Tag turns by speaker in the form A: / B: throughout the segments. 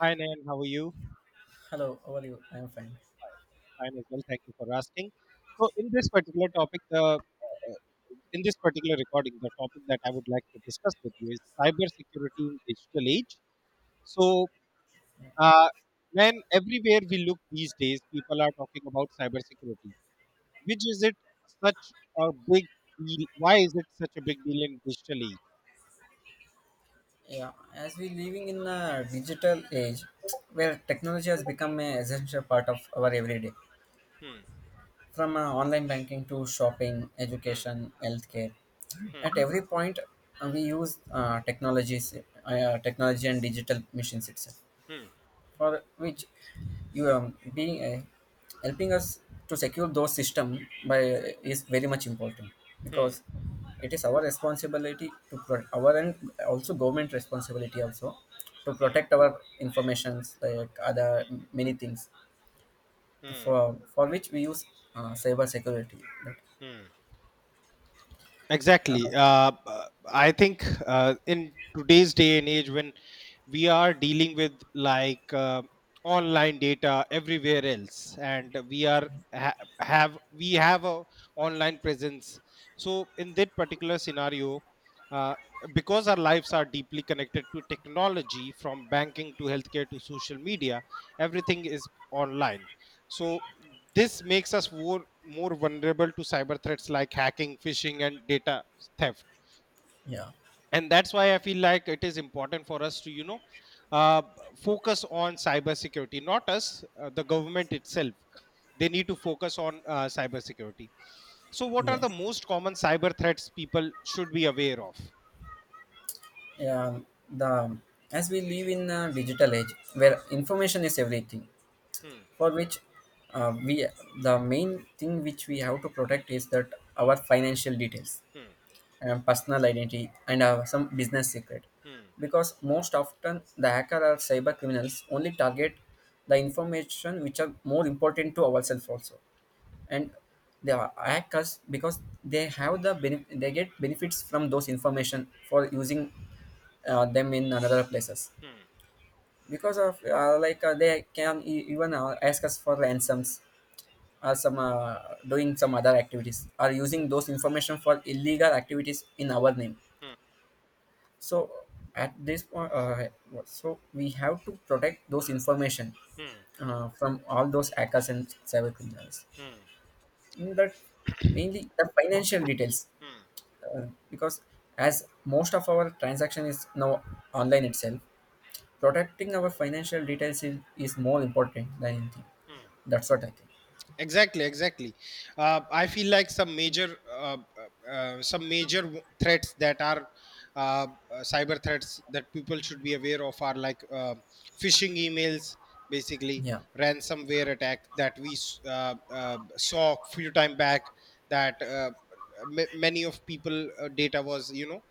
A: Hi, Nayan. How are you?
B: Hello, how are you? I'm fine.
A: Fine as well. Thank you for asking. So, in this particular topic, the in this particular recording, the topic that I would like to discuss with you is cybersecurity in digital age. So, uh, Man, everywhere we look these days, people are talking about cybersecurity. Which is it such a big deal? Why is it such a big deal in digital age?
B: Yeah, as we living in a digital age where technology has become an essential part of our everyday,
A: Hmm,
B: from online banking to shopping,
A: hmm,
B: education, healthcare, at
A: hmm,
B: every point we use technologies, technology and digital machines itself,
A: hmm,
B: for which you are being helping us to secure those system by is very much important because
A: hmm,
B: it is our responsibility to our and also government responsibility also to protect our informations like other many things to,
A: hmm,
B: for which we use cyber security, but,
A: hmm.
B: uh,
A: Exactly. I think in today's day and age, when we are dealing with like online data everywhere else, and we have a online presence. So in that particular scenario, uh, because our lives are deeply connected to technology, from banking to healthcare to social media, everything is online. So this makes us more vulnerable to cyber threats like hacking, phishing, and data theft.
B: yeah.
A: And that's why I feel like it is important for us to, uh, focus on cybersecurity. Not us, the government itself. They need to focus on cybersecurity. So, what are
B: Yes,
A: the most common cyber threats people should be aware of?
B: yeah, the as we live in a digital age where information is everything,
A: Hmm,
B: for which we the main thing which we have to protect is that our financial details
A: hmm,
B: and personal identity and some business secret,
A: hmm,
B: because most often the hacker or cyber criminals only target the information which are more important to ourselves also, and they are hackers because they have the they get benefits from those information for using them in another places,
A: hmm,
B: because of they can even ask us for ransoms or some doing some other activities or using those information for illegal activities in our name. So at this point, so we have to protect those information
A: hmm, hmm,
B: from all those hackers and cyber criminals.
A: hmm,
B: In that, mainly the financial details.
A: hmm.
B: uh, because as most of our transaction is now online itself, protecting our financial details is more important than anything. That's what I think.
A: Exactly, exactly. I feel like some major threats that are cyber threats that people should be aware of are like phishing emails, basically,
B: Yeah,
A: ransomware attack, that we saw few time back, that many of people data was, you know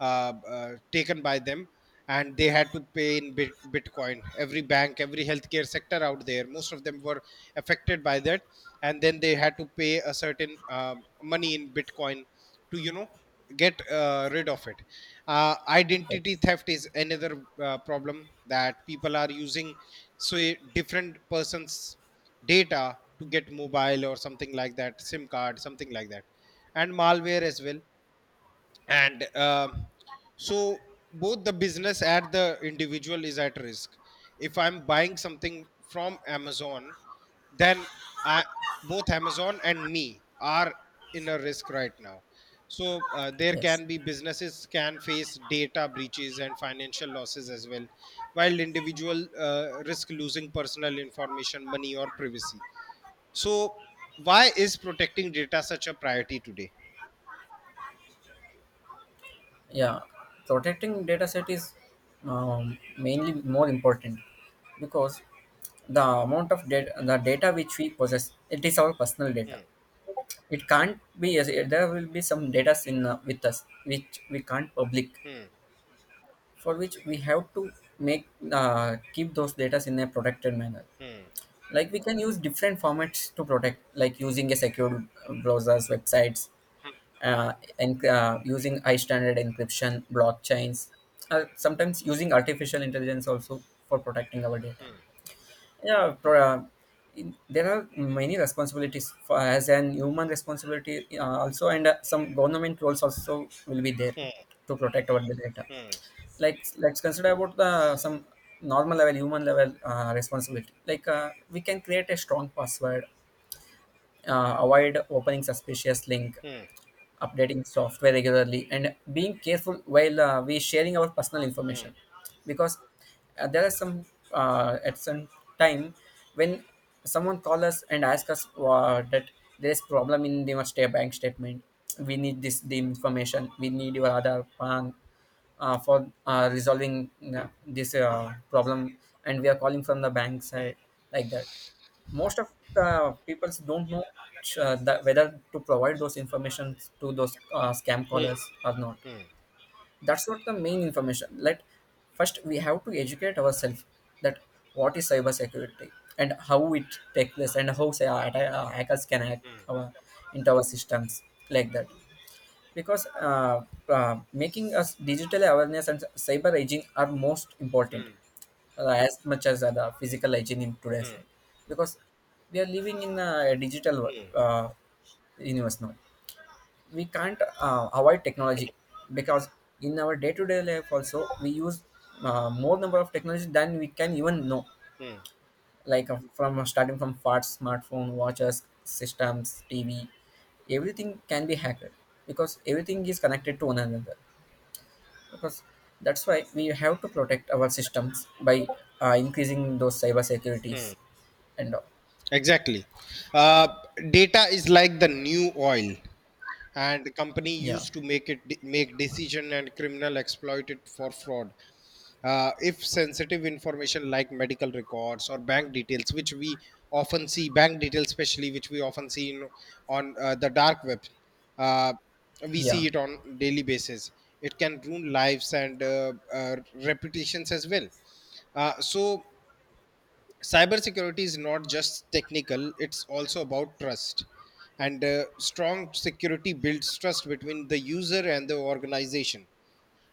A: uh, uh, taken by them, and they had to pay in bitcoin. Every bank, every healthcare sector out there, most of them were affected by that, and then they had to pay a certain money in bitcoin to, you know, get rid of it. Identity
B: yes,
A: theft is another problem that people are using, so different persons data to get mobile or something like that, sim card, something like that, and malware as well. And so both the business and the individual is at risk. If I'm buying something from Amazon, then I, both Amazon and me, are in a risk right now. So there
B: yes,
A: can be, businesses can face data breaches and financial losses as well, while individual risk losing personal information, money, or privacy. So why is protecting data such a priority today?
B: yeah, protecting data set is mainly more important, because the amount of data, the data which we possess, it is our personal data.
A: Hmm,
B: It can't be, there will be some data in, with us which we can't public,
A: hmm,
B: for which we have to make, keep those data in a protected manner.
A: hmm.
B: Like, we can use different formats to protect, like using a secured browsers, websites, uh, and using high standard encryption, blockchains, sometimes using artificial intelligence also for protecting our data. Yeah, there are many responsibilities for, as an human responsibility also, and some government roles also will be there
A: Hmm.
B: to protect our data.
A: Hmm,
B: Like, let's consider about the some normal level, human level responsibility. Like, we can create a strong password, avoid opening suspicious link,
A: hmm,
B: updating software regularly, and being careful while we sharing our personal information, because there are some at some time when someone call us and ask us that there is problem in the state bank statement. We need this the information. We need your other PAN for resolving this problem, and we are calling from the bank side, like that most of the people don't know that whether to provide those information to those scam
A: hmm,
B: callers or not.
A: hmm,
B: That's not the main information. Let first we have to educate ourselves that what is cyber security and how it takes place, and how say, hackers can hack our into our systems, like that. Because making us digital awareness and cyber hygiene are most important,
A: hmm,
B: as much as the physical hygiene in today's world, because we are living in a universe now. We can't avoid technology, because in our day-to-day life also we use more number of technology than we can even know.
A: hmm.
B: Like, from starting from parts, smartphone, watches, systems, TV, everything can be hacked, because everything is connected to one another. Because that's why we have to protect our systems by increasing those cyber securities and all.
A: Exactly. Uh, data is like the new oil, and the company
B: Yeah,
A: used to make it, make decision, and criminal exploit it for fraud. If sensitive information like medical records or bank details, which we often see, bank details especially, which we often see in, on the dark web, uh, we
B: yeah,
A: see it on daily basis. It can ruin lives and reputations as well. So cybersecurity is not just technical, it's also about trust, and strong security builds trust between the user and the organization,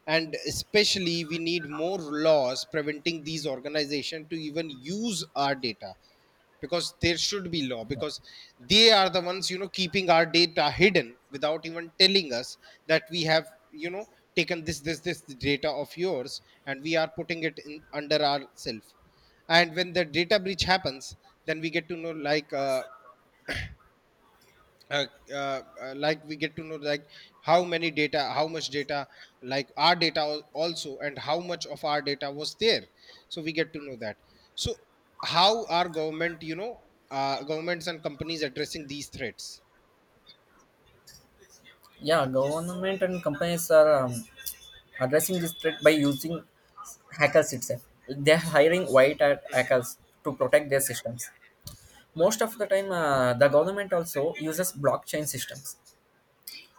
A: and especially we need more laws preventing these organizations to even use our data, because there should be law, because they are the ones, you know, keeping our data hidden without even telling us that we have, you know, taken this data of yours and we are putting it in under ourself. And when the data breach happens, then we get to know uh, like we get to know like how many data, how much data, like our data also, and how much of our data was there, so we get to know that. So how are government, you know, governments and companies addressing these threats?
B: yeah. Government and companies are addressing this threat by using hackers itself. They're hiring white hat hackers to protect their systems. Most of the time, the government also uses blockchain systems.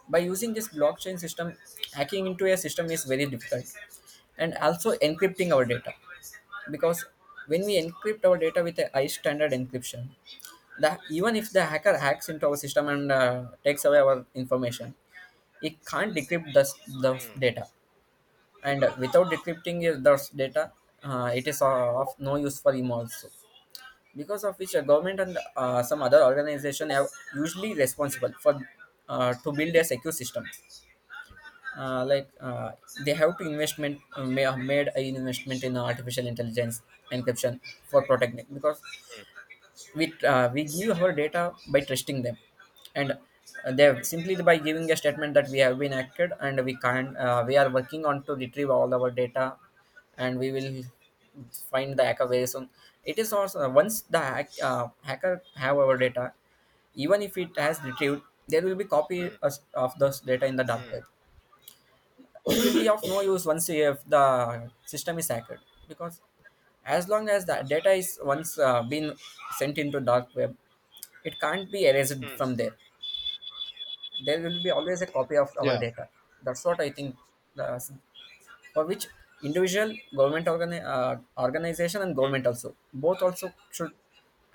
B: By using this blockchain system, hacking into a system is very difficult, and also encrypting our data. Because when we encrypt our data with a high standard encryption, the, even if the hacker hacks into our system and takes away our information, it can't decrypt the
A: Hmm,
B: data. And without decrypting those data, it is of no use for him also. Because of which a government and some other organization are usually responsible for to build a secure system. uh, like uh, they have to investment, may have made an investment in artificial intelligence, encryption, for protecting, because we give our data by trusting them. And they have simply by giving a statement that we have been acted, and we can't, we are working on to retrieve all our data, and we will find the hacker very soon. It is also, once the hacker have our data, even if it has retrieved, there will be
A: hmm,
B: of those data in the dark
A: hmm,
B: web. It will be of no use. Once you have the system is hacked, because as long as the data is once been sent into dark web, it can't be erased
A: hmm.
B: from there. There will be always a copy of our
A: Yeah.
B: data. That's what I think. The, for which individual, government organi- uh, organization and government also, both also should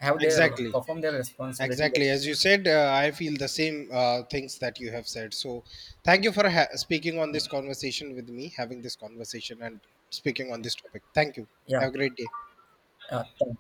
B: have their
A: Exactly,
B: perform their responsibility.
A: exactly, as you said, I feel the same things that you have said. So thank you for speaking on
B: Yeah,
A: this conversation with me, having this conversation and speaking on this topic. Thank you.
B: yeah.
A: Have a great day.
B: Thank